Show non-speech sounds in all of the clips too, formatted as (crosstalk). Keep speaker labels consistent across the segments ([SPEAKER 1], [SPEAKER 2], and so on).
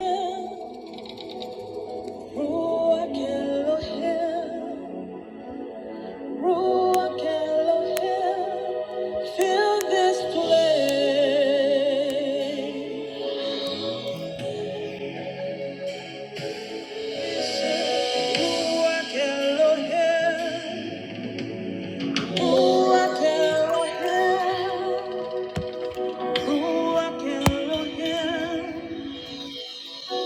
[SPEAKER 1] Ruach Elohim, Ruach Elohim, fill this place. Ruach Elohim, Ruach Elohim, Ruach Elohim,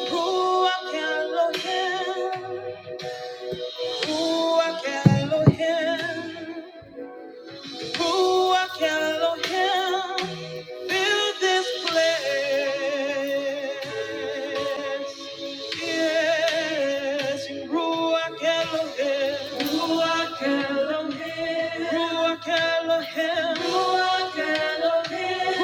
[SPEAKER 1] Ruach Elohim, Ruach Elohim. Ruach Elohim, fill this place. Yes, in Ruach Elohim. Ruach Elohim. Ruach Elohim. Ruach Elohim.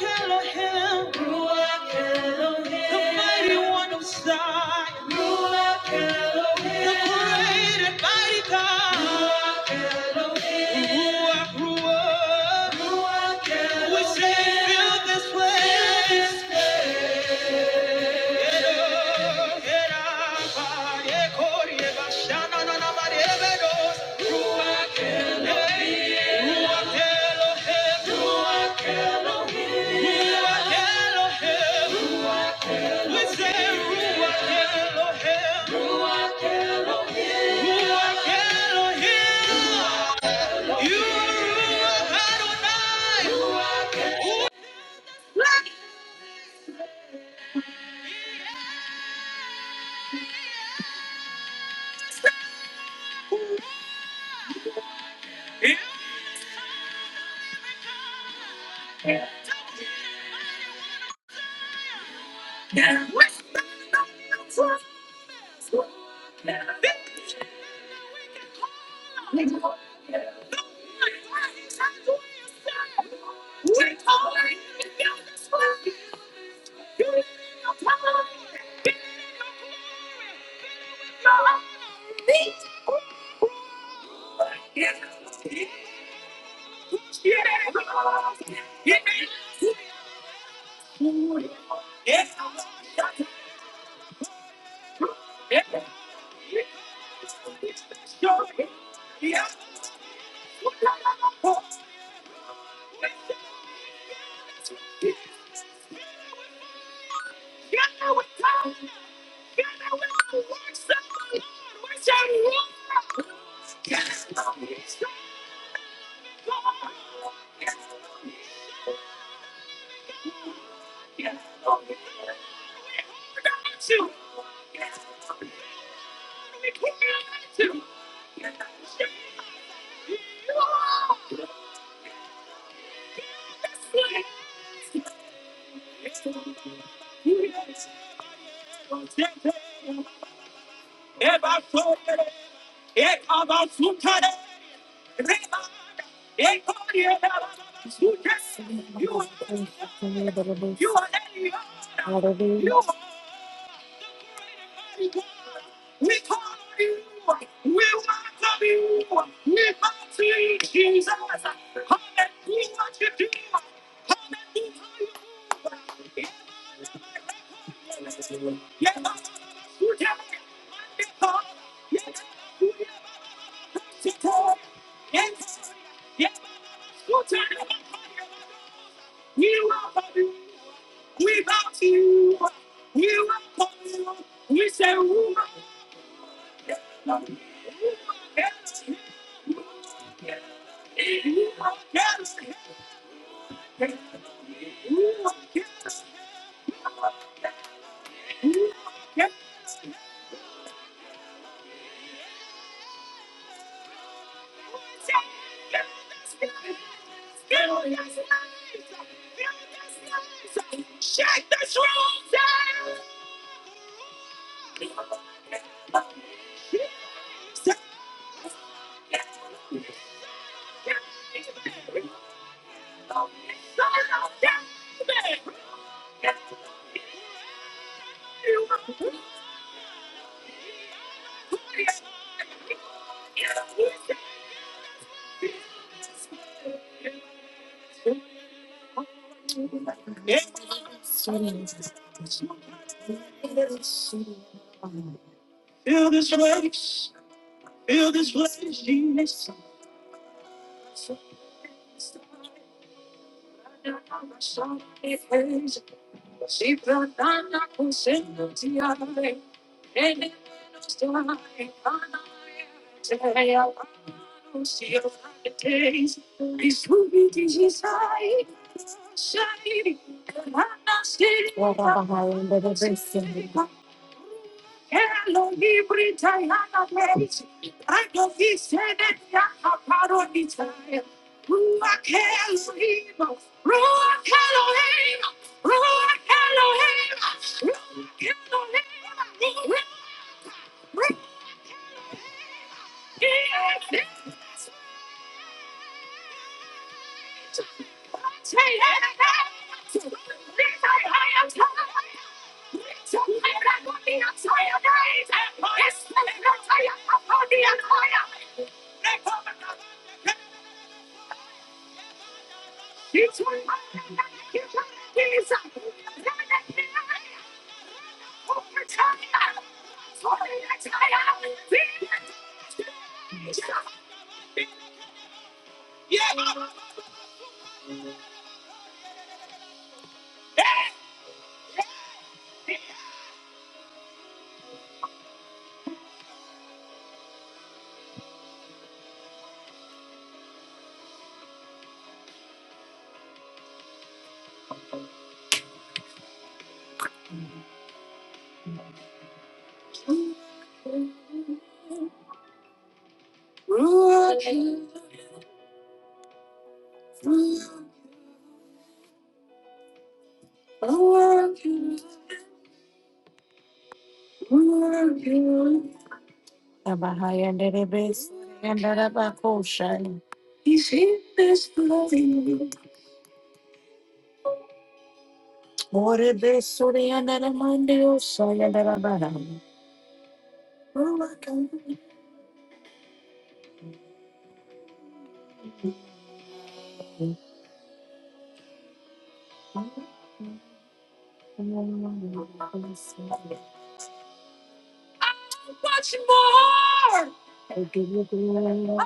[SPEAKER 1] Ruach Elohim. Ruach Elohim. The mighty one of Zion. Ruach Elohim. The great and mighty God. Ruach Elohim. Ruach, Ruach. Ruach Elohim. We say, fill this place are, Hallelujah. I give you glory.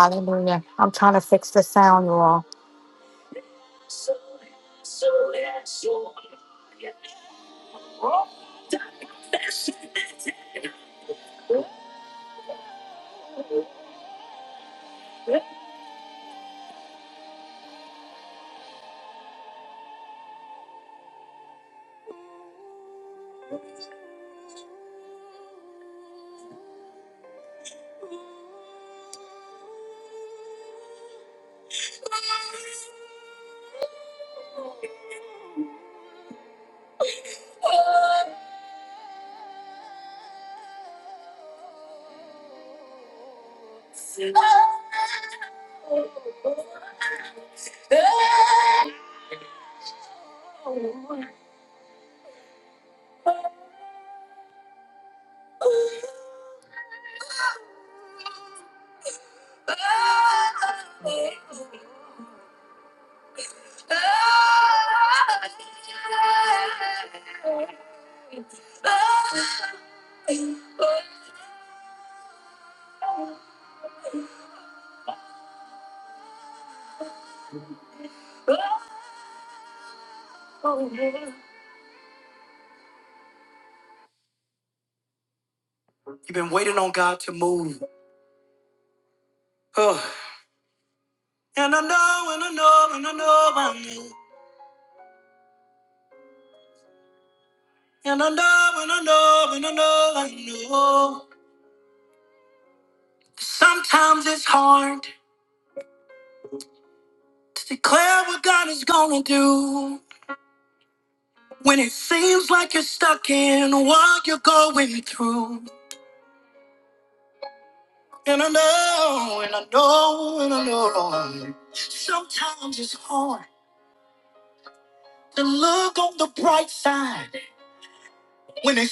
[SPEAKER 1] Hallelujah. I'm trying to fix the sound, you all. You've been waiting on God to move. Ugh. And I know, and I know, and I know I knew. And I know, and I know, and I know I knew. Sometimes it's hard to declare what God is gonna do when it seems like you're stuck in what you're going through. And I know, and I know, and I know. Sometimes it's hard to look on the bright side when it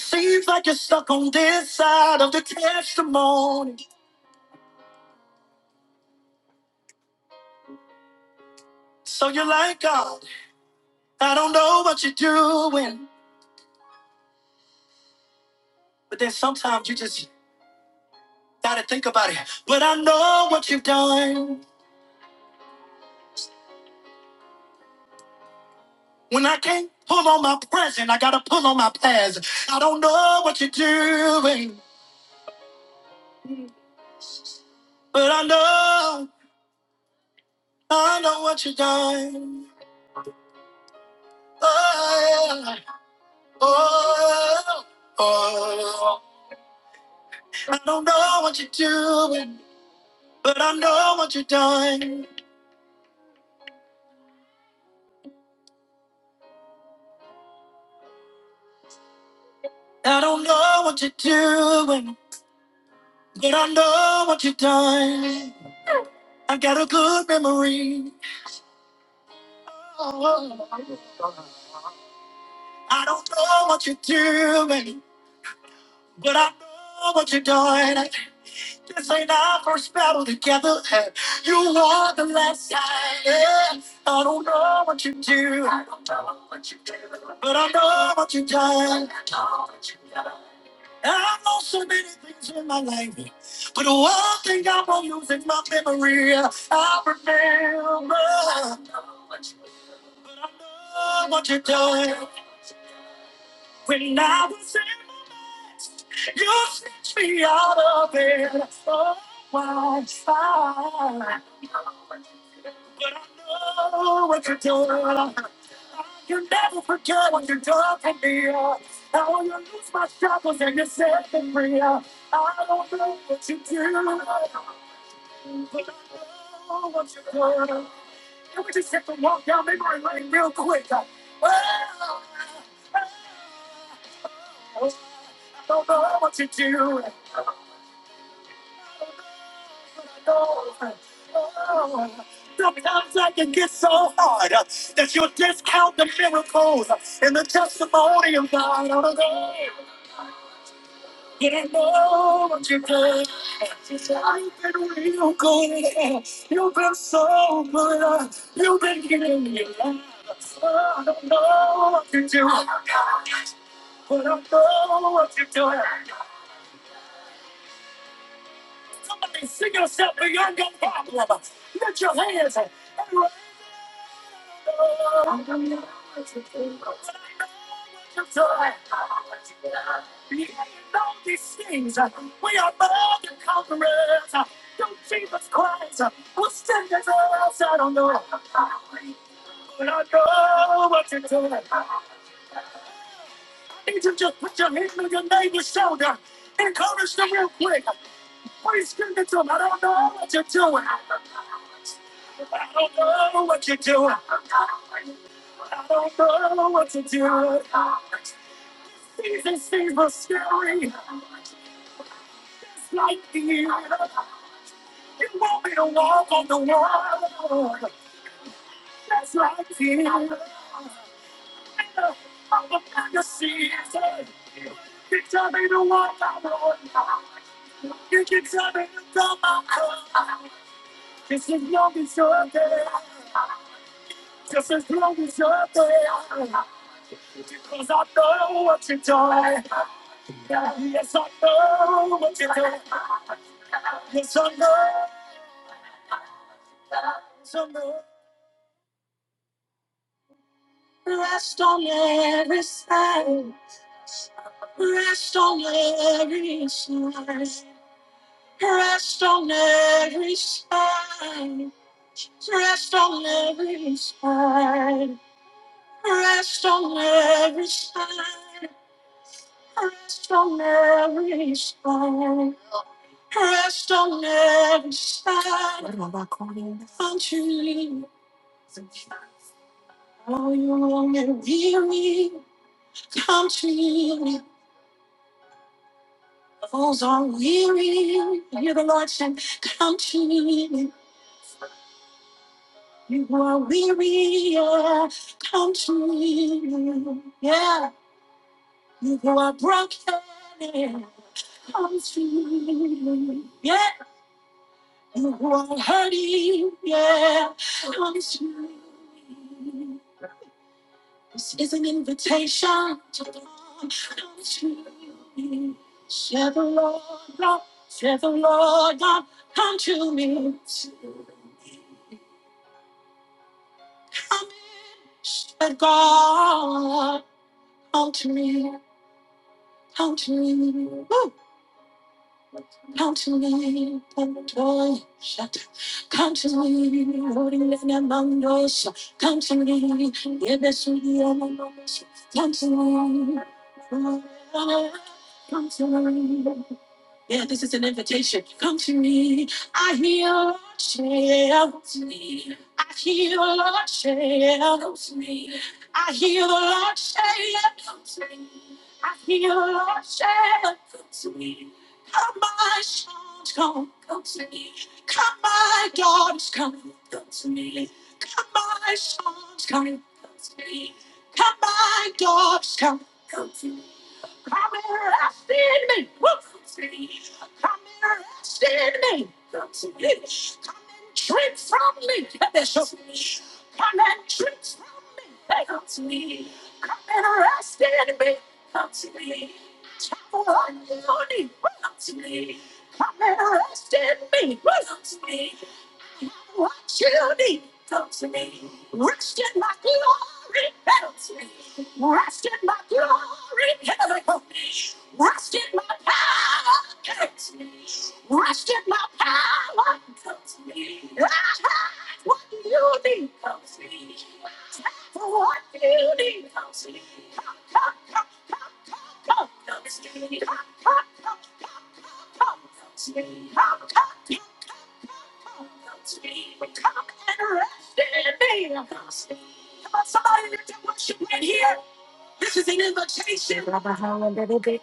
[SPEAKER 1] Hallelujah.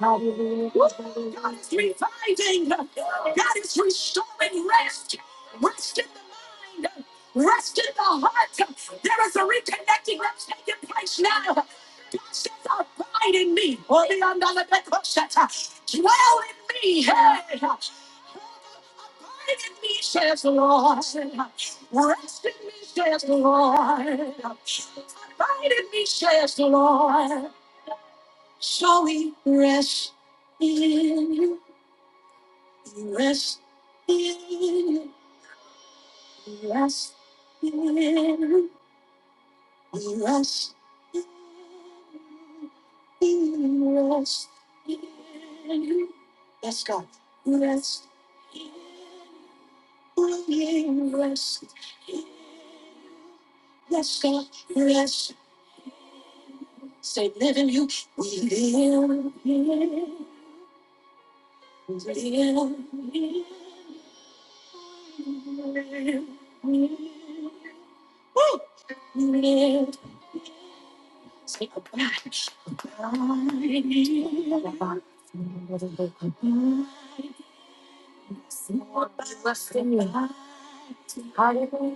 [SPEAKER 1] God is Lord, rest in me. Hallelujah.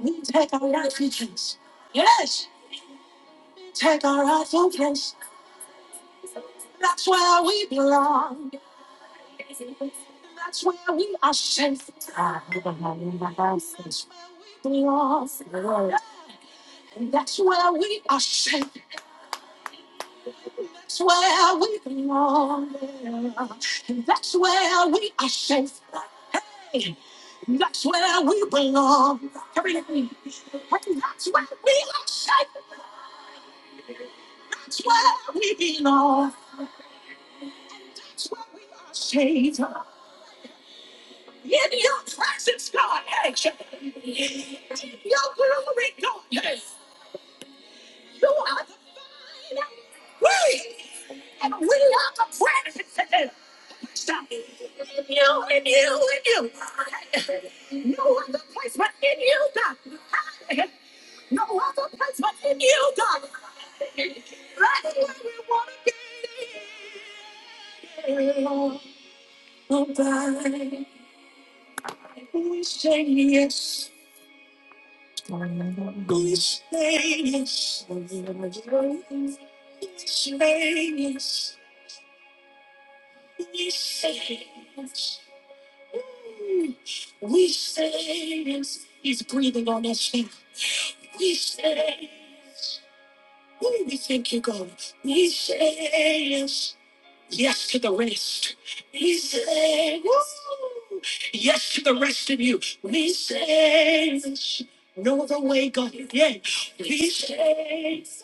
[SPEAKER 1] He says,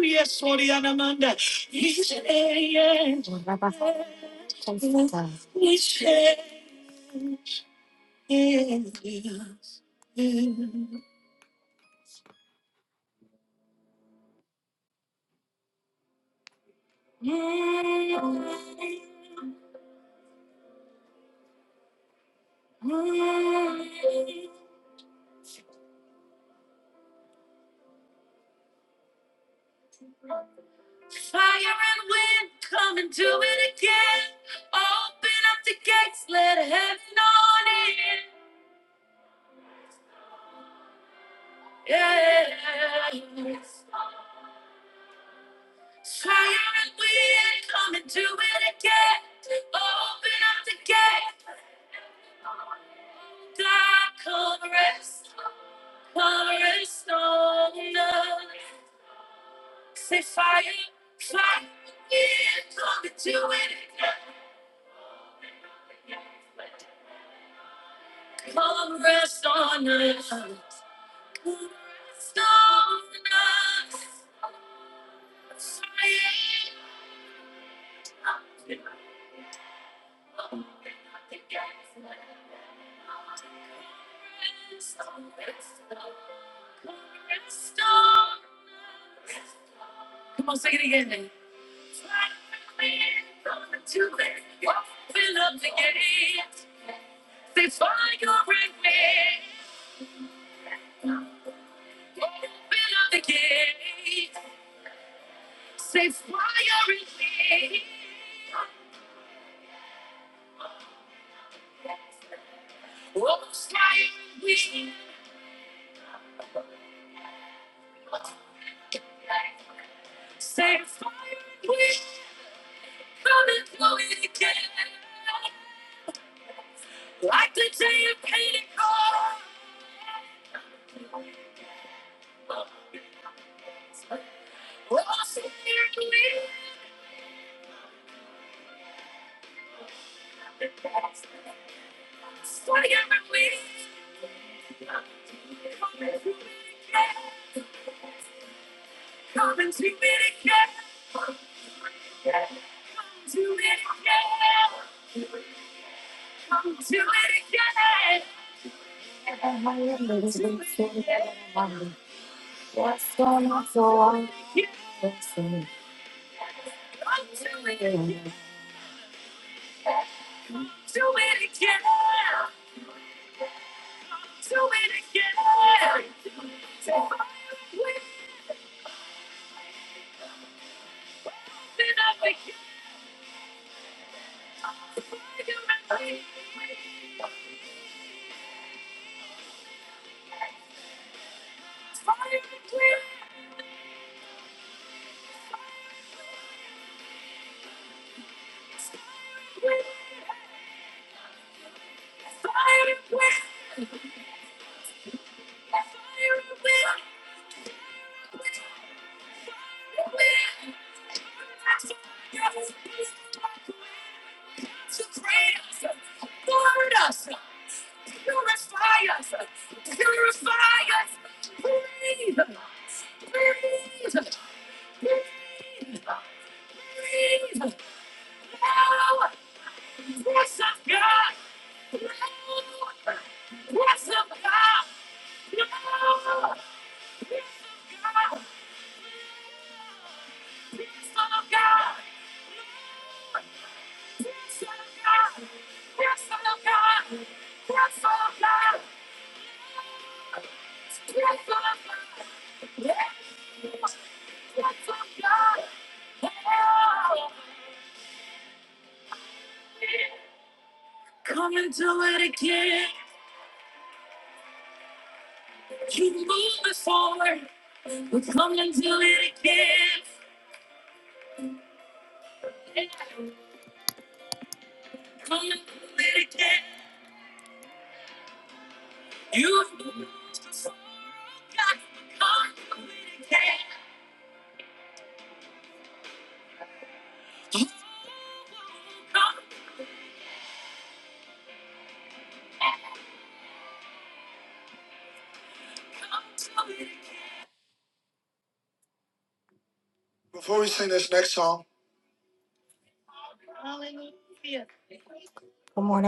[SPEAKER 1] yes, Lord, Anamanda. He says, yes. Good morning.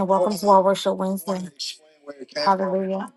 [SPEAKER 1] Welcome to our worship Wednesday. Hallelujah.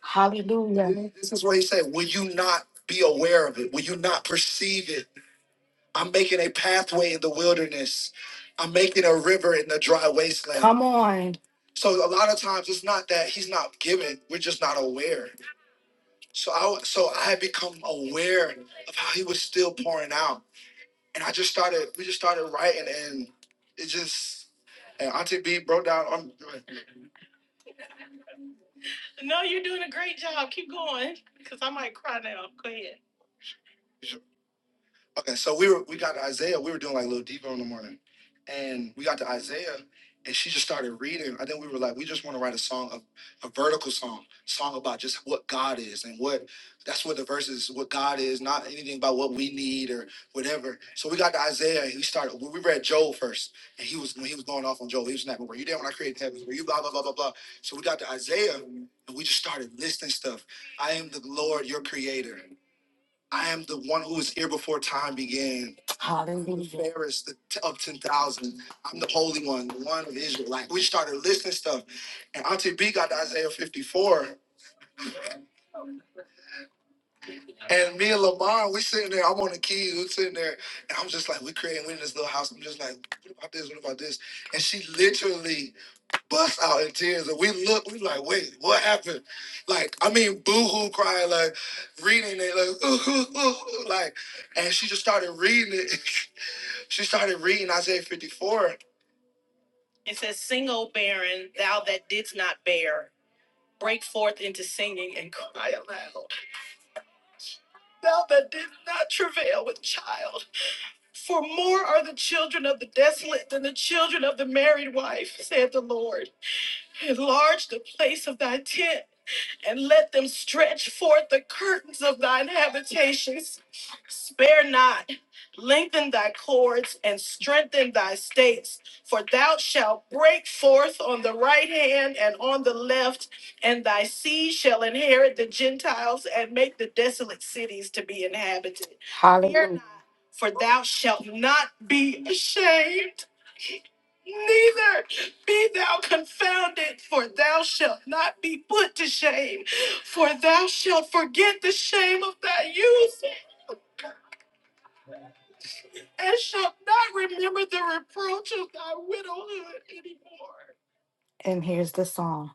[SPEAKER 1] Hallelujah. Come on. No, you're doing a great job. Keep going, because I might cry now. Go ahead. Hallelujah. It says, Sing, O barren, thou that didst not bear. Break forth into singing and cry aloud. Thou that didst not travail with child. For more are the children of the desolate than the children of the married wife, said the Lord. Enlarge the place of thy tent, and let them stretch forth the curtains of thine habitations. Spare not, lengthen thy cords, and strengthen thy stakes. for thou shalt break forth on the right hand and on the left, and thy seed shall inherit the Gentiles and make the desolate cities to be inhabited. Hallelujah. For thou shalt not be ashamed, neither be thou confounded, for thou shalt not be put to shame, for thou shalt forget the shame. And here's the song.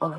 [SPEAKER 1] On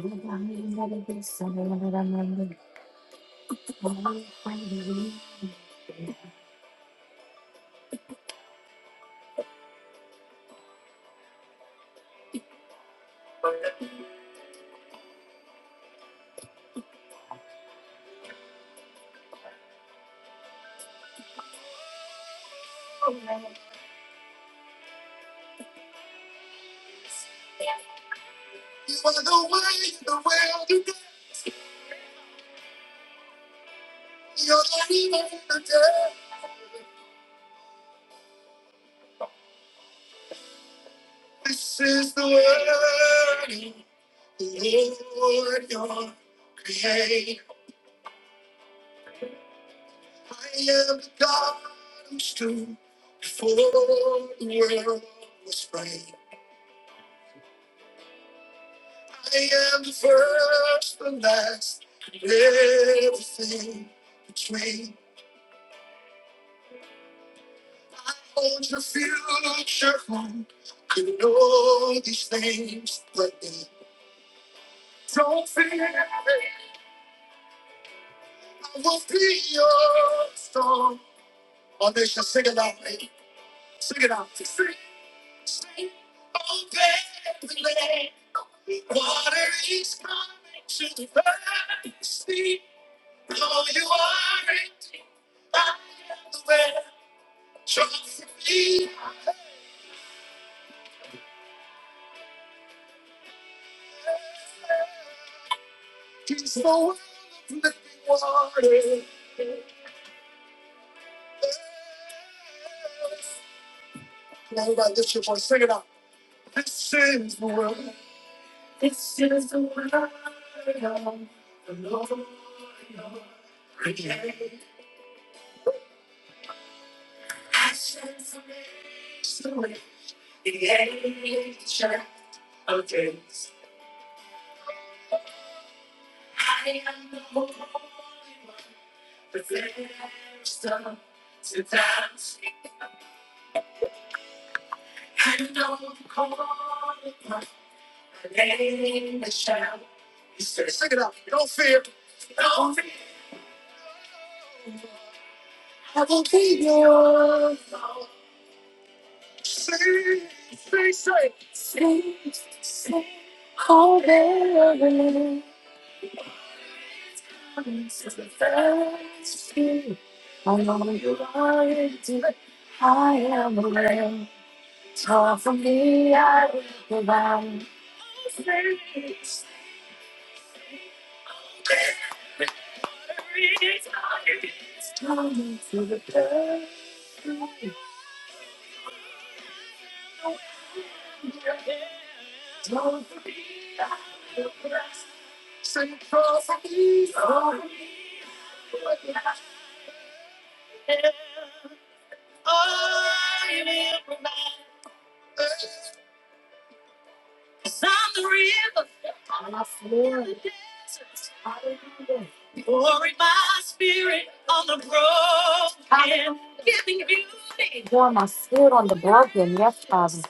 [SPEAKER 1] my stood on the balcony, yes, Father.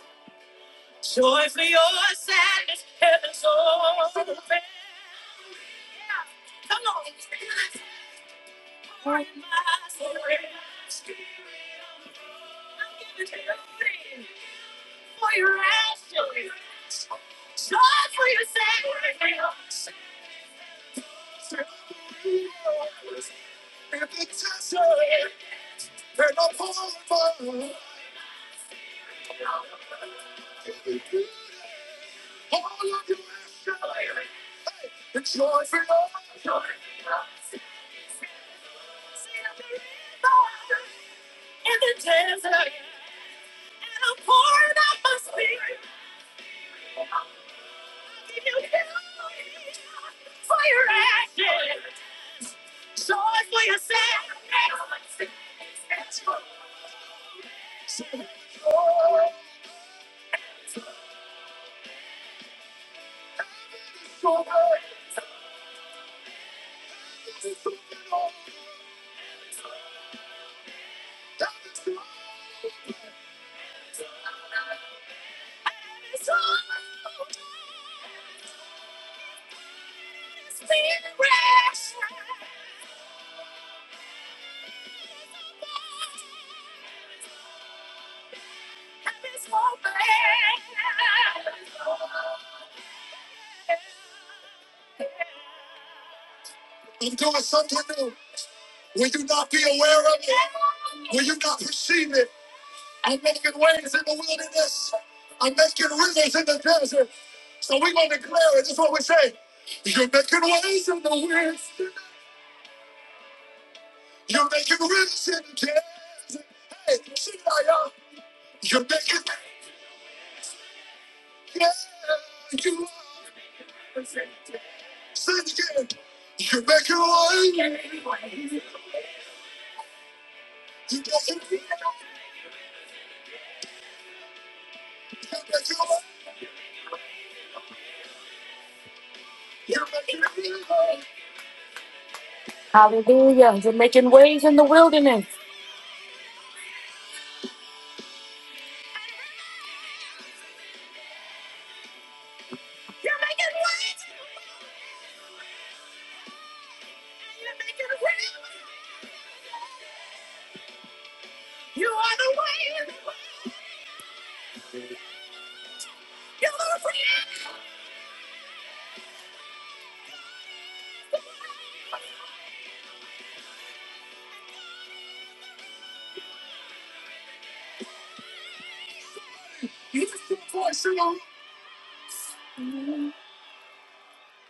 [SPEAKER 1] Hallelujah. You're making waves in the wilderness.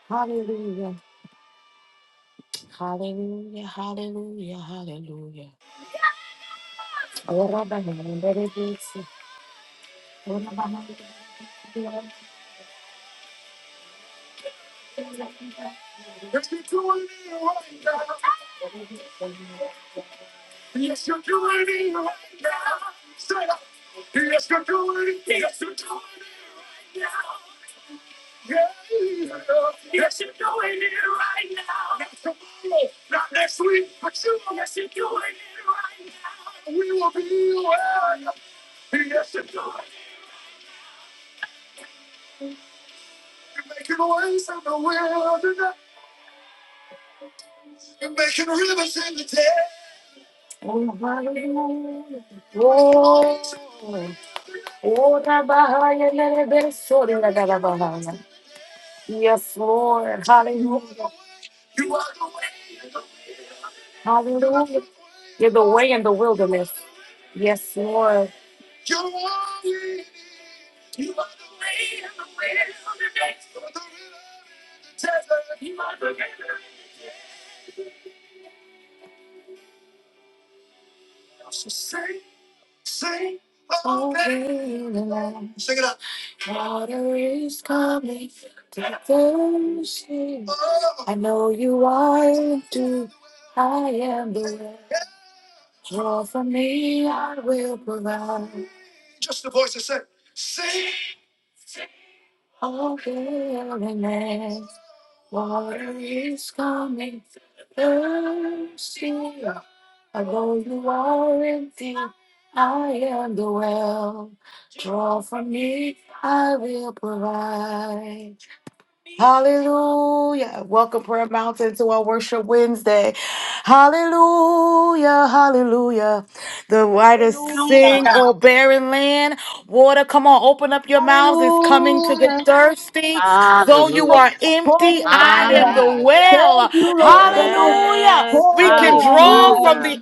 [SPEAKER 1] Hallelujah. Hallelujah. Hallelujah. Hallelujah. Yes, Lord. Hallelujah. Hallelujah. You're the way in the wilderness. Yes, Lord. Oh, in water is coming to thirsty. I know you are too. I am the way. Draw from me, I will provide. Oh, wilderness, water is coming. Thirsty, although you are empty, I am the well. Draw from me, I will provide. Hallelujah. Welcome, Prayer Mountain, to our Worship Wednesday. Hallelujah, hallelujah. The whitest
[SPEAKER 2] Hallelujah.
[SPEAKER 1] sing, O barren land. Water, come on, open up your mouths. It's coming to the
[SPEAKER 2] Hallelujah.
[SPEAKER 1] thirsty. Though you
[SPEAKER 3] Hallelujah.
[SPEAKER 1] are
[SPEAKER 2] Oh,
[SPEAKER 1] empty, I
[SPEAKER 3] My,
[SPEAKER 1] am
[SPEAKER 2] Rabbiah.
[SPEAKER 1] the
[SPEAKER 3] my.
[SPEAKER 2] Thank
[SPEAKER 1] well.
[SPEAKER 2] you, Lord. Rabbiah.
[SPEAKER 1] Hallelujah.
[SPEAKER 3] Yes.
[SPEAKER 2] Oh,
[SPEAKER 1] We can draw
[SPEAKER 2] Rabbiah.
[SPEAKER 1] from
[SPEAKER 3] Hallelujah.
[SPEAKER 1] the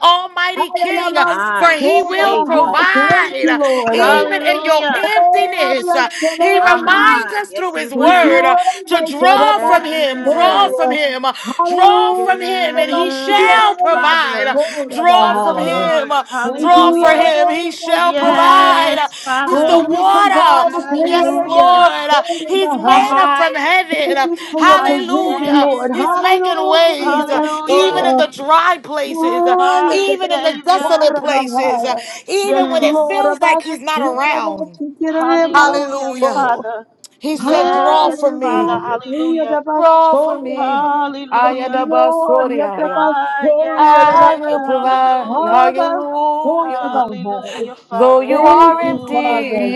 [SPEAKER 2] I
[SPEAKER 1] Almighty
[SPEAKER 2] am a
[SPEAKER 1] King,
[SPEAKER 2] man.
[SPEAKER 1] for
[SPEAKER 3] My
[SPEAKER 2] Oh,
[SPEAKER 1] He will
[SPEAKER 2] Rabbiah.
[SPEAKER 3] Savior.
[SPEAKER 2] Thank you,
[SPEAKER 1] provide
[SPEAKER 2] Lord.
[SPEAKER 1] even in your
[SPEAKER 3] Hallelujah.
[SPEAKER 2] Oh,
[SPEAKER 1] emptiness.
[SPEAKER 2] bless your
[SPEAKER 1] He
[SPEAKER 3] My,
[SPEAKER 2] name.
[SPEAKER 3] my.
[SPEAKER 1] reminds us
[SPEAKER 3] Yes,
[SPEAKER 1] through
[SPEAKER 3] He
[SPEAKER 1] His
[SPEAKER 2] Thank you,
[SPEAKER 3] will.
[SPEAKER 1] word to
[SPEAKER 2] Waymaker.
[SPEAKER 1] draw from him,
[SPEAKER 2] Rabbiah.
[SPEAKER 1] draw
[SPEAKER 3] Yes.
[SPEAKER 1] from
[SPEAKER 2] Oh,
[SPEAKER 1] him, draw from
[SPEAKER 2] hallelujah.
[SPEAKER 1] him, and he shall
[SPEAKER 3] Yes,
[SPEAKER 2] Rabbiah.
[SPEAKER 3] Father.
[SPEAKER 1] provide.
[SPEAKER 2] Oh,
[SPEAKER 1] Draw
[SPEAKER 3] My
[SPEAKER 1] from
[SPEAKER 2] Rabbiah.
[SPEAKER 3] Lord.
[SPEAKER 1] him,
[SPEAKER 2] Thank
[SPEAKER 1] draw
[SPEAKER 2] you,
[SPEAKER 1] for
[SPEAKER 3] Hallelujah.
[SPEAKER 1] him, he
[SPEAKER 2] Lord.
[SPEAKER 1] shall
[SPEAKER 2] Rabbiah.
[SPEAKER 3] Yes,
[SPEAKER 1] provide. He's
[SPEAKER 3] Father.
[SPEAKER 1] the
[SPEAKER 2] Thank you,
[SPEAKER 1] water,
[SPEAKER 2] provider.
[SPEAKER 1] yes,
[SPEAKER 3] Hallelujah.
[SPEAKER 1] Lord. He's
[SPEAKER 3] My,
[SPEAKER 1] manna from
[SPEAKER 3] my.
[SPEAKER 2] Thank
[SPEAKER 1] heaven,
[SPEAKER 2] you for your
[SPEAKER 3] My
[SPEAKER 2] provision,
[SPEAKER 1] hallelujah.
[SPEAKER 2] Lord.
[SPEAKER 1] He's
[SPEAKER 3] Savior.
[SPEAKER 1] making ways,
[SPEAKER 2] Hallelujah. Yes,
[SPEAKER 1] even
[SPEAKER 3] Hallelujah.
[SPEAKER 1] in the dry places,
[SPEAKER 3] My
[SPEAKER 1] even in the
[SPEAKER 3] Savior.
[SPEAKER 1] desolate
[SPEAKER 2] Lord.
[SPEAKER 1] places,
[SPEAKER 2] Hallelujah. Yes,
[SPEAKER 1] even when it
[SPEAKER 3] Mm.
[SPEAKER 2] Lord.
[SPEAKER 1] feels like he's not around.
[SPEAKER 3] Hallelujah,
[SPEAKER 1] Hallelujah.
[SPEAKER 3] Father.
[SPEAKER 1] He said, Draw
[SPEAKER 3] Yes,
[SPEAKER 1] from me,
[SPEAKER 3] Father. Hallelujah.
[SPEAKER 1] draw from me.
[SPEAKER 3] Hallelujah.
[SPEAKER 1] Ayadabasoria.
[SPEAKER 3] Ah, yes,
[SPEAKER 1] I will
[SPEAKER 3] Savior.
[SPEAKER 1] provide.
[SPEAKER 3] Hallelujah.
[SPEAKER 1] Hallelujah.
[SPEAKER 3] Hallelujah,
[SPEAKER 1] Though
[SPEAKER 3] Father.
[SPEAKER 1] you
[SPEAKER 2] Thank
[SPEAKER 1] are
[SPEAKER 2] you,
[SPEAKER 3] Hallelujah.
[SPEAKER 1] empty,
[SPEAKER 2] Father.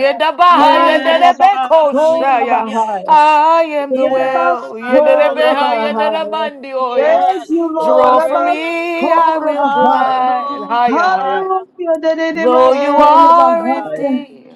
[SPEAKER 2] Ay,
[SPEAKER 3] Yes,
[SPEAKER 2] Baba,
[SPEAKER 3] Father.
[SPEAKER 2] Oh,
[SPEAKER 1] Dedebekoshaya.
[SPEAKER 3] Hallelujah.
[SPEAKER 2] Rabahaya.
[SPEAKER 1] I am the
[SPEAKER 2] Rabba,
[SPEAKER 1] well.
[SPEAKER 3] Yes, Father.
[SPEAKER 2] so
[SPEAKER 1] Yedebehaya
[SPEAKER 3] Hallelujah.
[SPEAKER 2] Rabahaya.
[SPEAKER 1] Dedabandioya.
[SPEAKER 2] Thank
[SPEAKER 3] Yes,
[SPEAKER 2] you, Lord.
[SPEAKER 1] Draw for
[SPEAKER 2] Rabba,
[SPEAKER 3] glory.
[SPEAKER 2] so
[SPEAKER 1] me, I will
[SPEAKER 2] Rabahaya.
[SPEAKER 1] provide.
[SPEAKER 3] Hallelujah,
[SPEAKER 1] Haya, haya.
[SPEAKER 3] Father.
[SPEAKER 2] Hallelujah. Dededema,
[SPEAKER 1] Though you
[SPEAKER 2] so
[SPEAKER 3] Yes,
[SPEAKER 1] are
[SPEAKER 3] God.
[SPEAKER 2] Rabahaya.
[SPEAKER 1] empty,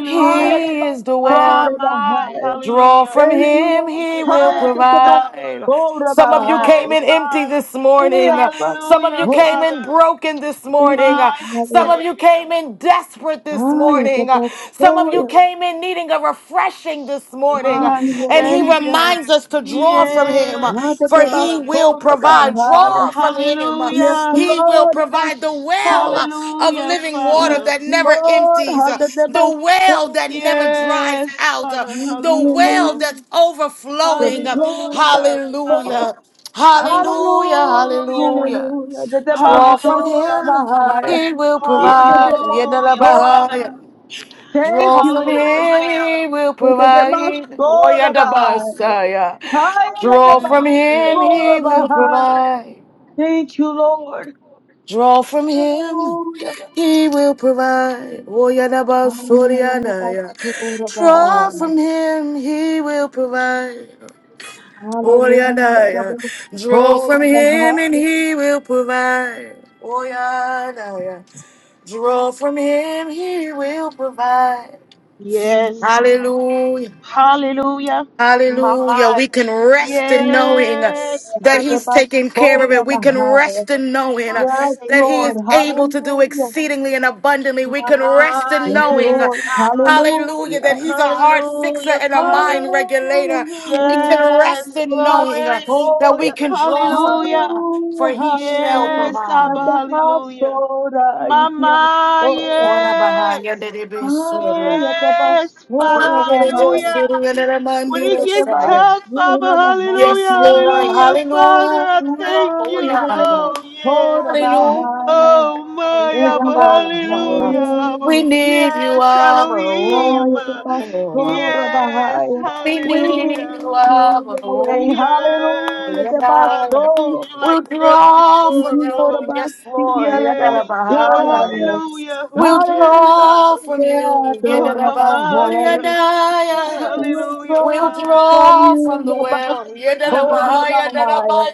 [SPEAKER 2] Ay,
[SPEAKER 1] He
[SPEAKER 2] Rabba,
[SPEAKER 1] is the
[SPEAKER 2] so
[SPEAKER 3] My,
[SPEAKER 1] well.
[SPEAKER 3] my.
[SPEAKER 2] Rabahaya.
[SPEAKER 1] Draw
[SPEAKER 3] Hallelujah.
[SPEAKER 1] from
[SPEAKER 2] Thank you,
[SPEAKER 1] him,
[SPEAKER 2] Lord.
[SPEAKER 1] he will
[SPEAKER 2] Ay,
[SPEAKER 3] Yes,
[SPEAKER 2] Rabba,
[SPEAKER 3] Abba.
[SPEAKER 1] provide.
[SPEAKER 2] Oh,
[SPEAKER 1] Some of you came
[SPEAKER 3] Oh
[SPEAKER 2] Rabahaya.
[SPEAKER 1] in empty
[SPEAKER 3] my.
[SPEAKER 1] this
[SPEAKER 2] Ay,
[SPEAKER 1] morning.
[SPEAKER 2] Rabba,
[SPEAKER 1] Some of
[SPEAKER 3] Hallelujah,
[SPEAKER 1] you
[SPEAKER 2] so.
[SPEAKER 1] came
[SPEAKER 3] Father.
[SPEAKER 1] in broken this
[SPEAKER 2] Thank
[SPEAKER 1] morning.
[SPEAKER 2] you,
[SPEAKER 3] My
[SPEAKER 1] Some
[SPEAKER 2] Father.
[SPEAKER 1] of you
[SPEAKER 3] Savior.
[SPEAKER 1] came in desperate this
[SPEAKER 2] Ay,
[SPEAKER 1] morning.
[SPEAKER 2] Rabba,
[SPEAKER 1] Some of
[SPEAKER 2] so.
[SPEAKER 1] you came in needing a refreshing this morning.
[SPEAKER 2] Thank
[SPEAKER 3] My
[SPEAKER 2] you,
[SPEAKER 1] And
[SPEAKER 2] Lord.
[SPEAKER 1] he
[SPEAKER 3] Savior.
[SPEAKER 1] reminds us to draw from him,
[SPEAKER 3] Yes,
[SPEAKER 2] Ay,
[SPEAKER 1] for
[SPEAKER 2] Rabba,
[SPEAKER 1] he
[SPEAKER 3] God.
[SPEAKER 2] so
[SPEAKER 1] will provide.
[SPEAKER 2] Rabahaya.
[SPEAKER 1] Draw from him.
[SPEAKER 2] Yes,
[SPEAKER 3] Hallelujah.
[SPEAKER 1] He will
[SPEAKER 2] Lord, about
[SPEAKER 1] provide the
[SPEAKER 2] soul.
[SPEAKER 1] well of
[SPEAKER 3] Hallelujah,
[SPEAKER 1] living water
[SPEAKER 2] Yes,
[SPEAKER 3] Father.
[SPEAKER 1] that never
[SPEAKER 2] Lord,
[SPEAKER 1] empties,
[SPEAKER 2] how
[SPEAKER 1] uh,
[SPEAKER 2] did they about
[SPEAKER 1] the well that
[SPEAKER 2] soul.
[SPEAKER 1] never dries
[SPEAKER 3] Yes,
[SPEAKER 1] out, uh,
[SPEAKER 3] Father.
[SPEAKER 1] the well
[SPEAKER 3] Hallelujah.
[SPEAKER 2] Hallelujah.
[SPEAKER 1] that's
[SPEAKER 2] Yes,
[SPEAKER 1] overflowing. uh,
[SPEAKER 2] Lord, about
[SPEAKER 3] Hallelujah,
[SPEAKER 2] soul.
[SPEAKER 3] Father.
[SPEAKER 1] Hallelujah.
[SPEAKER 3] Hallelujah.
[SPEAKER 1] Hallelujah,
[SPEAKER 2] Hallelujah,
[SPEAKER 1] hallelujah.
[SPEAKER 2] hallelujah. The about
[SPEAKER 1] Draw from
[SPEAKER 2] soul
[SPEAKER 3] Hallelujah.
[SPEAKER 2] of
[SPEAKER 1] him,
[SPEAKER 2] high.
[SPEAKER 1] he will
[SPEAKER 2] Yeah,
[SPEAKER 1] provide.
[SPEAKER 2] the about
[SPEAKER 3] Hallelujah,
[SPEAKER 2] soul
[SPEAKER 3] Father.
[SPEAKER 1] Yadalabahaya.
[SPEAKER 2] of Thank
[SPEAKER 1] Draw
[SPEAKER 2] you,
[SPEAKER 1] from
[SPEAKER 2] Lord.
[SPEAKER 1] him,
[SPEAKER 3] Hallelujah.
[SPEAKER 1] he will
[SPEAKER 2] The about
[SPEAKER 1] provide.
[SPEAKER 2] soul of
[SPEAKER 1] Oyadabasaya.
[SPEAKER 2] Higher than the
[SPEAKER 1] Draw
[SPEAKER 3] Mm,
[SPEAKER 1] from
[SPEAKER 2] about
[SPEAKER 1] him,
[SPEAKER 2] soul
[SPEAKER 1] he
[SPEAKER 2] of
[SPEAKER 1] will
[SPEAKER 2] high.
[SPEAKER 1] provide.
[SPEAKER 2] Thank you, Lord.
[SPEAKER 1] Draw from him.
[SPEAKER 2] Hallelujah.
[SPEAKER 1] He will provide. Oh,
[SPEAKER 2] Hallelujah, the about
[SPEAKER 1] Yadabasoria
[SPEAKER 2] soul
[SPEAKER 1] Draw
[SPEAKER 2] of
[SPEAKER 1] from him, he will provide. Oh,
[SPEAKER 2] Hallelujah.
[SPEAKER 1] Yadaya.
[SPEAKER 2] Rabbi,
[SPEAKER 1] Draw
[SPEAKER 2] Tora
[SPEAKER 1] from him and
[SPEAKER 2] Bahai.
[SPEAKER 1] he will provide. Oh, Yadaya. Draw from him, he will provide.
[SPEAKER 3] yes.
[SPEAKER 2] Hallelujah.
[SPEAKER 1] Hallelujah.
[SPEAKER 3] Hallelujah. My,
[SPEAKER 1] Hallelujah.
[SPEAKER 3] my.
[SPEAKER 1] We can rest in knowing
[SPEAKER 3] Yes,
[SPEAKER 1] that
[SPEAKER 3] Father.
[SPEAKER 1] He's
[SPEAKER 2] Rabbi,
[SPEAKER 1] taking care of
[SPEAKER 2] Tora
[SPEAKER 1] it. We can
[SPEAKER 2] Bahai.
[SPEAKER 1] rest in knowing
[SPEAKER 3] My
[SPEAKER 2] Yes,
[SPEAKER 1] that He
[SPEAKER 3] Savior.
[SPEAKER 2] Lord.
[SPEAKER 1] is able to do
[SPEAKER 2] Hallelujah.
[SPEAKER 1] exceedingly and abundantly. We
[SPEAKER 3] My,
[SPEAKER 1] can rest
[SPEAKER 3] my.
[SPEAKER 1] in
[SPEAKER 2] Thank you,
[SPEAKER 1] knowing,
[SPEAKER 2] Lord.
[SPEAKER 3] Yes, Abba.
[SPEAKER 1] hallelujah, that
[SPEAKER 2] Hallelujah.
[SPEAKER 1] He's a heart fixer
[SPEAKER 3] Hallelujah,
[SPEAKER 1] and a
[SPEAKER 3] Father.
[SPEAKER 1] mind
[SPEAKER 2] Hallelujah.
[SPEAKER 1] regulator. We can rest
[SPEAKER 2] Hallelujah.
[SPEAKER 3] Yes,
[SPEAKER 1] in
[SPEAKER 2] Rabbi,
[SPEAKER 1] knowing
[SPEAKER 3] glory.
[SPEAKER 1] that we
[SPEAKER 2] Tora.
[SPEAKER 1] can draw from Him,
[SPEAKER 3] Hallelujah.
[SPEAKER 1] for
[SPEAKER 2] Hallelujah.
[SPEAKER 1] He shall
[SPEAKER 2] Hallelujah.
[SPEAKER 3] Yes,
[SPEAKER 1] provide.
[SPEAKER 3] Abba.
[SPEAKER 2] Rabbi,
[SPEAKER 3] Hallelujah. Mama.
[SPEAKER 2] Yes, Lord,
[SPEAKER 1] Ora bahaya
[SPEAKER 3] Yes.
[SPEAKER 1] de de
[SPEAKER 2] Ah,
[SPEAKER 1] besoria.
[SPEAKER 2] Rabbi,
[SPEAKER 3] Yes, Father.
[SPEAKER 2] Tora
[SPEAKER 1] Ora de de
[SPEAKER 2] Bahai.
[SPEAKER 3] Hallelujah.
[SPEAKER 1] besoria de de
[SPEAKER 3] When it
[SPEAKER 2] Rabbi,
[SPEAKER 1] mandio
[SPEAKER 3] gets
[SPEAKER 1] saya.
[SPEAKER 3] tough, Father,
[SPEAKER 2] Tora Bahai.
[SPEAKER 3] hallelujah,
[SPEAKER 1] Yes, Lord.
[SPEAKER 2] Ikiadai.
[SPEAKER 3] hallelujah, Father,
[SPEAKER 1] Hallelujah.
[SPEAKER 3] I thank
[SPEAKER 1] Oh,
[SPEAKER 3] you.
[SPEAKER 2] Hallelujah, that
[SPEAKER 1] yeah,
[SPEAKER 2] they
[SPEAKER 1] yeah.
[SPEAKER 3] Oh,
[SPEAKER 2] must
[SPEAKER 3] yes.
[SPEAKER 2] hold about
[SPEAKER 1] Hallelujah.
[SPEAKER 2] high.
[SPEAKER 3] Oh, my,
[SPEAKER 2] Thank you,
[SPEAKER 3] Abba,
[SPEAKER 2] Lord.
[SPEAKER 3] hallelujah. Abba.
[SPEAKER 1] We
[SPEAKER 2] Hallelujah.
[SPEAKER 1] need you,
[SPEAKER 3] Yes,
[SPEAKER 1] Abba.
[SPEAKER 3] Elohim.
[SPEAKER 2] Hallelujah, that they must
[SPEAKER 1] Oh,
[SPEAKER 2] hold about
[SPEAKER 3] Yes,
[SPEAKER 2] high.
[SPEAKER 1] we
[SPEAKER 2] We
[SPEAKER 1] need
[SPEAKER 3] hallelujah.
[SPEAKER 1] the
[SPEAKER 2] need you,
[SPEAKER 1] love of the Lord.
[SPEAKER 2] Yahweh. Hallelujah,
[SPEAKER 3] Yes,
[SPEAKER 2] that my
[SPEAKER 3] Father,
[SPEAKER 1] Yadala.
[SPEAKER 3] I need
[SPEAKER 2] soul.
[SPEAKER 3] you
[SPEAKER 1] We'll
[SPEAKER 3] like never
[SPEAKER 1] draw
[SPEAKER 2] Thank
[SPEAKER 1] from
[SPEAKER 3] before,
[SPEAKER 2] you,
[SPEAKER 3] Abba.
[SPEAKER 2] Lord,
[SPEAKER 1] you,
[SPEAKER 2] about
[SPEAKER 1] yes,
[SPEAKER 2] speaking
[SPEAKER 1] Lord.
[SPEAKER 2] about
[SPEAKER 1] Yadala
[SPEAKER 3] Yes, Abba,
[SPEAKER 2] hold about
[SPEAKER 3] hallelujah.
[SPEAKER 1] We'll
[SPEAKER 3] Oh, yes,
[SPEAKER 2] Hallelujah,
[SPEAKER 3] Abba.
[SPEAKER 1] draw from
[SPEAKER 2] that
[SPEAKER 1] you.
[SPEAKER 3] Oh,
[SPEAKER 2] Lord
[SPEAKER 1] Yadala
[SPEAKER 3] my,
[SPEAKER 2] about
[SPEAKER 3] my. yes.
[SPEAKER 2] high.
[SPEAKER 1] Bahaya.
[SPEAKER 2] We
[SPEAKER 3] Hallelujah,
[SPEAKER 1] We'll
[SPEAKER 2] draw
[SPEAKER 3] Father.
[SPEAKER 2] from
[SPEAKER 1] draw
[SPEAKER 2] you
[SPEAKER 1] from the
[SPEAKER 2] the
[SPEAKER 1] well.
[SPEAKER 2] best
[SPEAKER 1] Yadala
[SPEAKER 3] (laughs)
[SPEAKER 2] hold
[SPEAKER 1] Bahaya.
[SPEAKER 2] about
[SPEAKER 1] Yadala
[SPEAKER 2] high.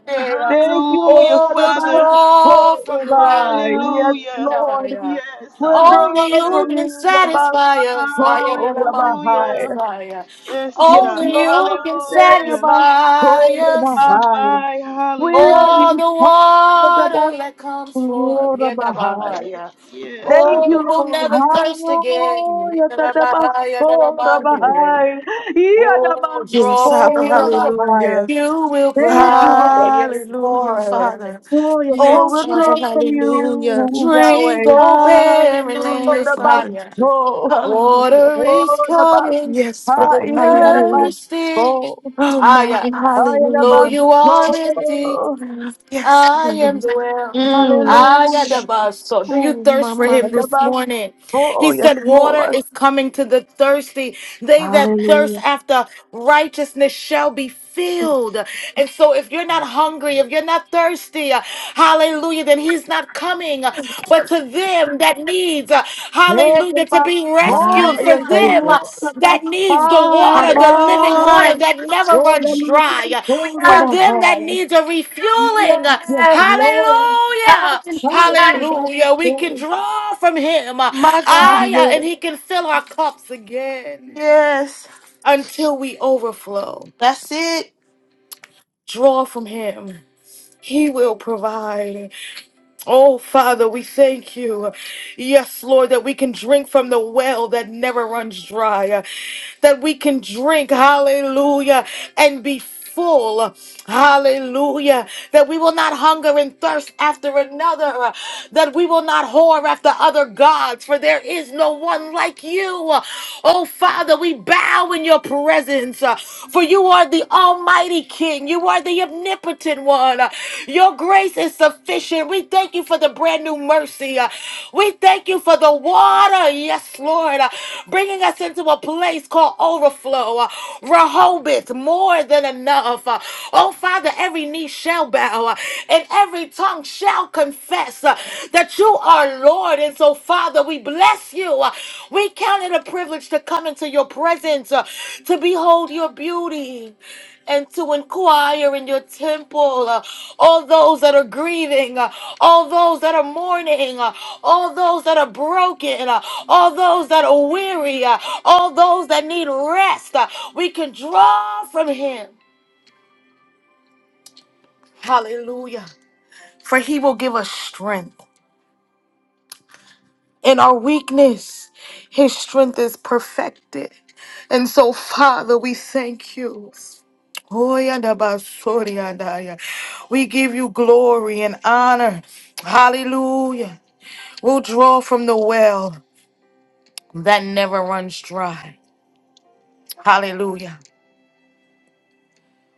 [SPEAKER 2] Thank you,
[SPEAKER 3] Hallelujah,
[SPEAKER 1] Oh,
[SPEAKER 2] Lord,
[SPEAKER 1] we'll
[SPEAKER 2] about
[SPEAKER 3] Father.
[SPEAKER 1] draw from
[SPEAKER 2] soul,
[SPEAKER 1] the
[SPEAKER 2] Rabbi.
[SPEAKER 1] well.
[SPEAKER 2] Yes,
[SPEAKER 3] Hallelujah.
[SPEAKER 2] Lord.
[SPEAKER 1] Yadala.
[SPEAKER 3] Yes, Abba, we
[SPEAKER 2] Withdraw
[SPEAKER 1] Only you
[SPEAKER 2] from
[SPEAKER 3] worship.
[SPEAKER 1] can
[SPEAKER 2] you, about
[SPEAKER 1] satisfy us.
[SPEAKER 2] soul,
[SPEAKER 1] Yadala
[SPEAKER 2] Rabbi.
[SPEAKER 3] Hallelujah.
[SPEAKER 1] Bahaya.
[SPEAKER 3] Yes, it,
[SPEAKER 2] Yes,
[SPEAKER 3] Abba.
[SPEAKER 1] Only you can
[SPEAKER 2] Lord,
[SPEAKER 3] Hallelujah.
[SPEAKER 2] about
[SPEAKER 1] satisfy
[SPEAKER 2] soul,
[SPEAKER 1] us.
[SPEAKER 3] Ah,
[SPEAKER 2] Rabbi.
[SPEAKER 3] My,
[SPEAKER 2] We love
[SPEAKER 3] hallelujah.
[SPEAKER 1] Oh,
[SPEAKER 2] you,
[SPEAKER 1] the
[SPEAKER 2] Father, about
[SPEAKER 1] water that comes forth,
[SPEAKER 2] soul, Rabbi.
[SPEAKER 1] Yedabahaya.
[SPEAKER 3] Yes,
[SPEAKER 2] Thank
[SPEAKER 3] Abba.
[SPEAKER 1] Oh,
[SPEAKER 2] you,
[SPEAKER 1] we'll
[SPEAKER 2] Lord.
[SPEAKER 1] never thirst again.
[SPEAKER 2] Hallelujah. about
[SPEAKER 1] Yedabahaya,
[SPEAKER 2] soul,
[SPEAKER 1] Yedabahaya.
[SPEAKER 2] Rabbi. Yeah, about
[SPEAKER 1] Oh,
[SPEAKER 2] Tatabasorabahai.
[SPEAKER 1] draw
[SPEAKER 3] Yes,
[SPEAKER 1] from
[SPEAKER 3] Abba,
[SPEAKER 1] you.
[SPEAKER 2] Yadabasorabahai.
[SPEAKER 3] hallelujah.
[SPEAKER 1] You will
[SPEAKER 2] Thank you,
[SPEAKER 1] provide.
[SPEAKER 2] Lord.
[SPEAKER 1] Yes,
[SPEAKER 3] Hallelujah,
[SPEAKER 1] Lord.
[SPEAKER 3] Father.
[SPEAKER 2] Oh, yes, Lord.
[SPEAKER 1] Oh,
[SPEAKER 3] Yes,
[SPEAKER 2] we
[SPEAKER 3] Abba,
[SPEAKER 2] draw
[SPEAKER 1] drink,
[SPEAKER 2] from
[SPEAKER 3] hallelujah.
[SPEAKER 2] you,
[SPEAKER 1] drink,
[SPEAKER 2] Yahweh.
[SPEAKER 1] oh, barren
[SPEAKER 3] Hallelujah,
[SPEAKER 1] land.
[SPEAKER 2] Orabas,
[SPEAKER 3] Father.
[SPEAKER 1] Higher.
[SPEAKER 2] oh,
[SPEAKER 3] Hallelujah.
[SPEAKER 1] Water is
[SPEAKER 2] oh, the orabas,
[SPEAKER 1] coming
[SPEAKER 3] Yes,
[SPEAKER 1] to the
[SPEAKER 3] Father. Hallelujah.
[SPEAKER 2] haikiarabas,
[SPEAKER 1] thirsty.
[SPEAKER 2] oh,
[SPEAKER 3] Oh my
[SPEAKER 1] Higher. Though
[SPEAKER 3] hallelujah.
[SPEAKER 2] haiarabas,
[SPEAKER 1] you are empty,
[SPEAKER 2] oh,
[SPEAKER 3] Yes.
[SPEAKER 1] I am
[SPEAKER 3] Lord.
[SPEAKER 1] the well. I got the
[SPEAKER 2] hallelujah,
[SPEAKER 3] Mm.
[SPEAKER 1] bus. So, do you
[SPEAKER 3] Oh
[SPEAKER 1] thirst
[SPEAKER 3] my
[SPEAKER 1] for
[SPEAKER 3] my
[SPEAKER 1] him this
[SPEAKER 2] orabas,
[SPEAKER 1] morning?
[SPEAKER 2] oh,
[SPEAKER 1] He
[SPEAKER 2] yes,
[SPEAKER 1] said, Water
[SPEAKER 2] Lord,
[SPEAKER 1] is coming to the thirsty. They that thirst
[SPEAKER 2] hallelujah,
[SPEAKER 1] after righteousness shall be filled. And so, if you're not hungry, if you're not thirsty, uh, hallelujah, then he's not coming. But to them that needs, uh, hallelujah, to
[SPEAKER 2] orabas,
[SPEAKER 1] be
[SPEAKER 2] oh,
[SPEAKER 1] rescued,
[SPEAKER 3] my
[SPEAKER 1] for
[SPEAKER 2] yes,
[SPEAKER 1] them
[SPEAKER 3] Savior.
[SPEAKER 1] uh,
[SPEAKER 2] Lord, the bus,
[SPEAKER 1] that needs the water,
[SPEAKER 2] high,
[SPEAKER 3] Come
[SPEAKER 1] the living water
[SPEAKER 3] on.
[SPEAKER 1] that never
[SPEAKER 2] oh, the
[SPEAKER 1] runs
[SPEAKER 2] bus,
[SPEAKER 1] dry
[SPEAKER 2] oh
[SPEAKER 1] for
[SPEAKER 3] Hallelujah.
[SPEAKER 2] orabas, hai,
[SPEAKER 1] them that
[SPEAKER 2] orabas, orabahai,
[SPEAKER 1] needs a refueling.
[SPEAKER 2] yes,
[SPEAKER 3] Yes.
[SPEAKER 2] Lord,
[SPEAKER 1] Hallelujah.
[SPEAKER 3] Hallelujah.
[SPEAKER 2] haiarabas,
[SPEAKER 1] Hallelujah. We can
[SPEAKER 2] oh,
[SPEAKER 1] draw from him.
[SPEAKER 3] My
[SPEAKER 2] thank
[SPEAKER 3] God.
[SPEAKER 2] you,
[SPEAKER 1] I, and
[SPEAKER 2] Lord.
[SPEAKER 1] he can fill our cups again until we overflow. Draw from him. He will provide. Oh, Father, we thank you. Yes, Lord, that we can drink from the well that never runs dry. That we can drink, hallelujah, and be full. Hallelujah. That we will not hunger and thirst after another. That we will not whore after other gods, for there is no one like you. Oh, Father, we bow in your presence, for you are the Almighty. Almighty King. You are the omnipotent one. Uh, Your grace is sufficient. We thank you for the brand new mercy. Uh, We thank you for the water. Yes, Lord. Uh, Bringing us into a place called overflow. Uh, Rehoboth, more than enough. Uh, Oh, Father, every knee shall bow uh, and every tongue shall confess uh, that you are Lord. And so, Father, we bless you. Uh, We count it a privilege to come into your presence, uh, to behold your beauty and to inquire in your temple. uh, all those that are grieving, uh, all those that are mourning, uh, all those that are broken, uh, all those that are weary, uh, all those that need rest. uh, we can draw from Him. Hallelujah. For He will give us strength. In our weakness, His strength is perfected. And so, Father, we thank you. Hoyandabasoryandaya. We give you glory and honor. Hallelujah. We'll draw from the well that never runs dry. Hallelujah.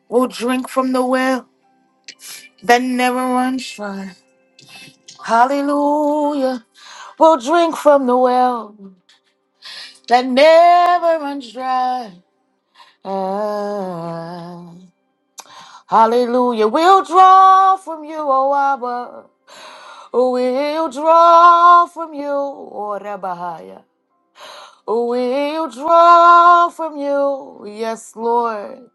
[SPEAKER 1] We'll drink from the well that never runs dry. Hallelujah. We'll drink from the well that never runs dry. Ah, hallelujah. We'll draw from you, O Abba. We'll draw from you, O Rabbiah. We'll draw from you, yes, Lord.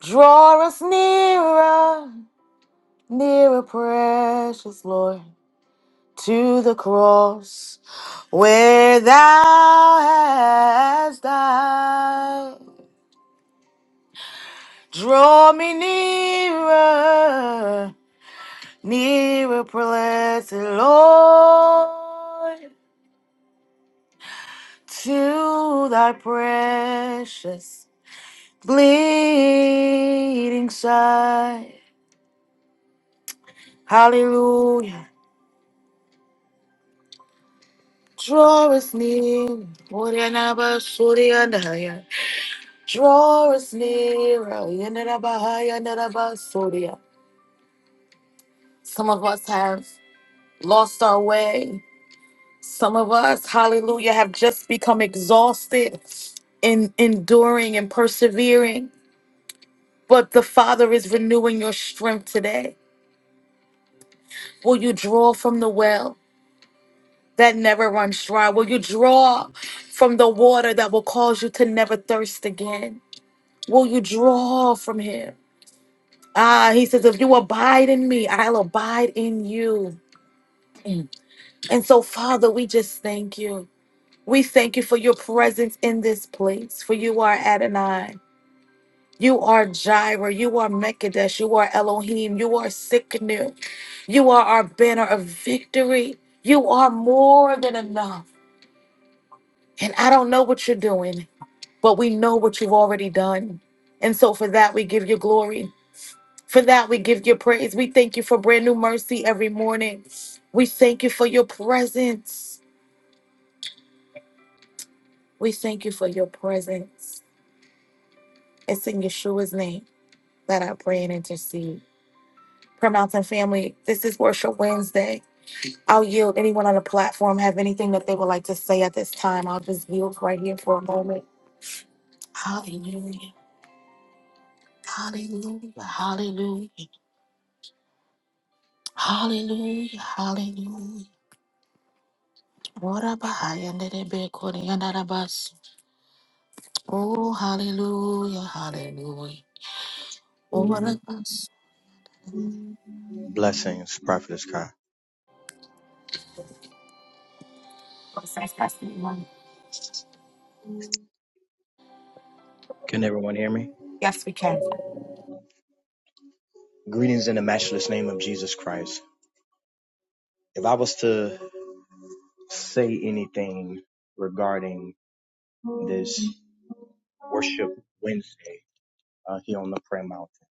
[SPEAKER 1] Draw us nearer, nearer, precious Lord, to the cross where thou hast died. Draw me nearer, nearer, blessed Lord, to thy precious bleeding side. Hallelujah. Draw us near. Orenaba Surya Naya. Draw us near. Yenabahaya Naraba Surya. Some of us have lost our way. Some of us, hallelujah, have just become exhausted in enduring and persevering. But the Father is renewing your strength today. Will you draw from the well that never runs dry? Will you draw from the water that will cause you to never thirst again? will you draw from him? Ah, he says, if you abide in me, I'll abide in you. Mm. And so, Father, we just thank you. We thank you for your presence in this place, for you are Adonai. You are Jireh. You are Mekadesh. You are Elohim. You are Sikkenu. You are our banner of victory. You are more than enough. And I don't know what you're doing, but we know what you've already done. And so for that, we give you glory. For that, we give you praise. We thank you for brand new mercy every morning. We thank you for your presence. We thank you for your presence. It's in Yeshua's name that I pray and intercede. Prayer Mountain family, this is Worship Wednesday. I'll yield anyone on the platform have anything that they would like to say at this time. I'll just yield right here for a moment. Hallelujah. Hallelujah. Hallelujah. Hallelujah. Hallelujah. Ora bahaya nderebe kori Oh, hallelujah, hallelujah. Over us.
[SPEAKER 4] Blessings, Prophetess Kai. Can everyone hear me?
[SPEAKER 1] Yes, we can.
[SPEAKER 4] Greetings in the matchless name of Jesus Christ. If I was to say anything regarding this worship Wednesday uh, here on the prayer mountain,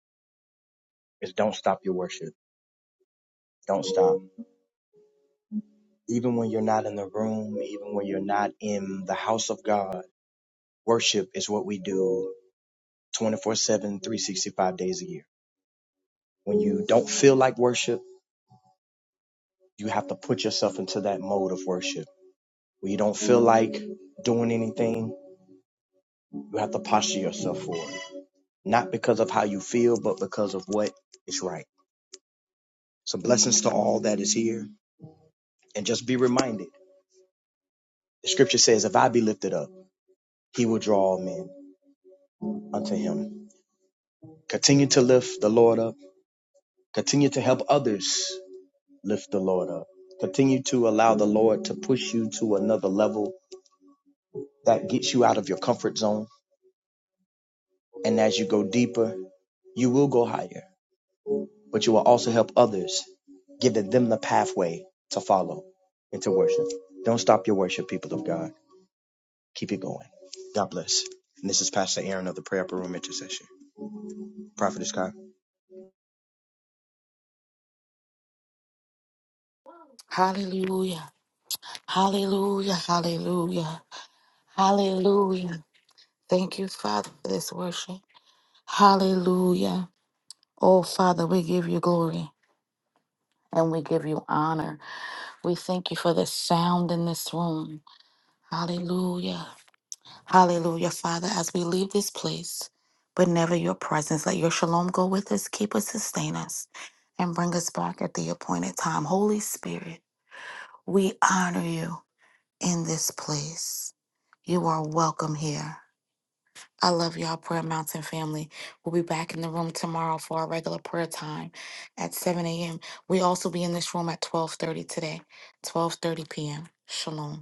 [SPEAKER 4] is don't stop your worship. Don't stop. Even when you're not in the room, even when you're not in the house of God, worship is what we do 24 7, 365 days a year. When you don't feel like worship, you have to put yourself into that mode of worship Where you don't feel like doing anything, you have to posture yourself for it. Not because of how you feel, but because of what is right. So blessings to all that is here. And just be reminded. The scripture says, if I be lifted up, he will draw all men unto him. Continue to lift the Lord up. Continue to help others lift the Lord up. Continue to allow the Lord to push you to another level that gets you out of your comfort zone. And as you go deeper, you will go higher but you will also help others, giving them the pathway to follow and to worship. Don't stop your worship, people of God. Keep it going. God bless. And this is Pastor Aaron of the Prayer Upper Room Intercession. Prophet Kai.
[SPEAKER 1] Thank you, Father, for this worship. Hallelujah. Oh, Father, we give you glory and we give you honor. We thank you for the sound in this room. Hallelujah. Hallelujah, Father, as we leave this place, but never your presence. Let your shalom go with us, keep us, sustain us, and bring us back at the appointed time. Holy Spirit, we honor you in this place. You are welcome here. I love y'all, Prayer Mountain family. We'll be back in the room tomorrow for our regular prayer time at 7 a.m. We also be in this room at 12:30 today, 12:30 p.m. Shalom.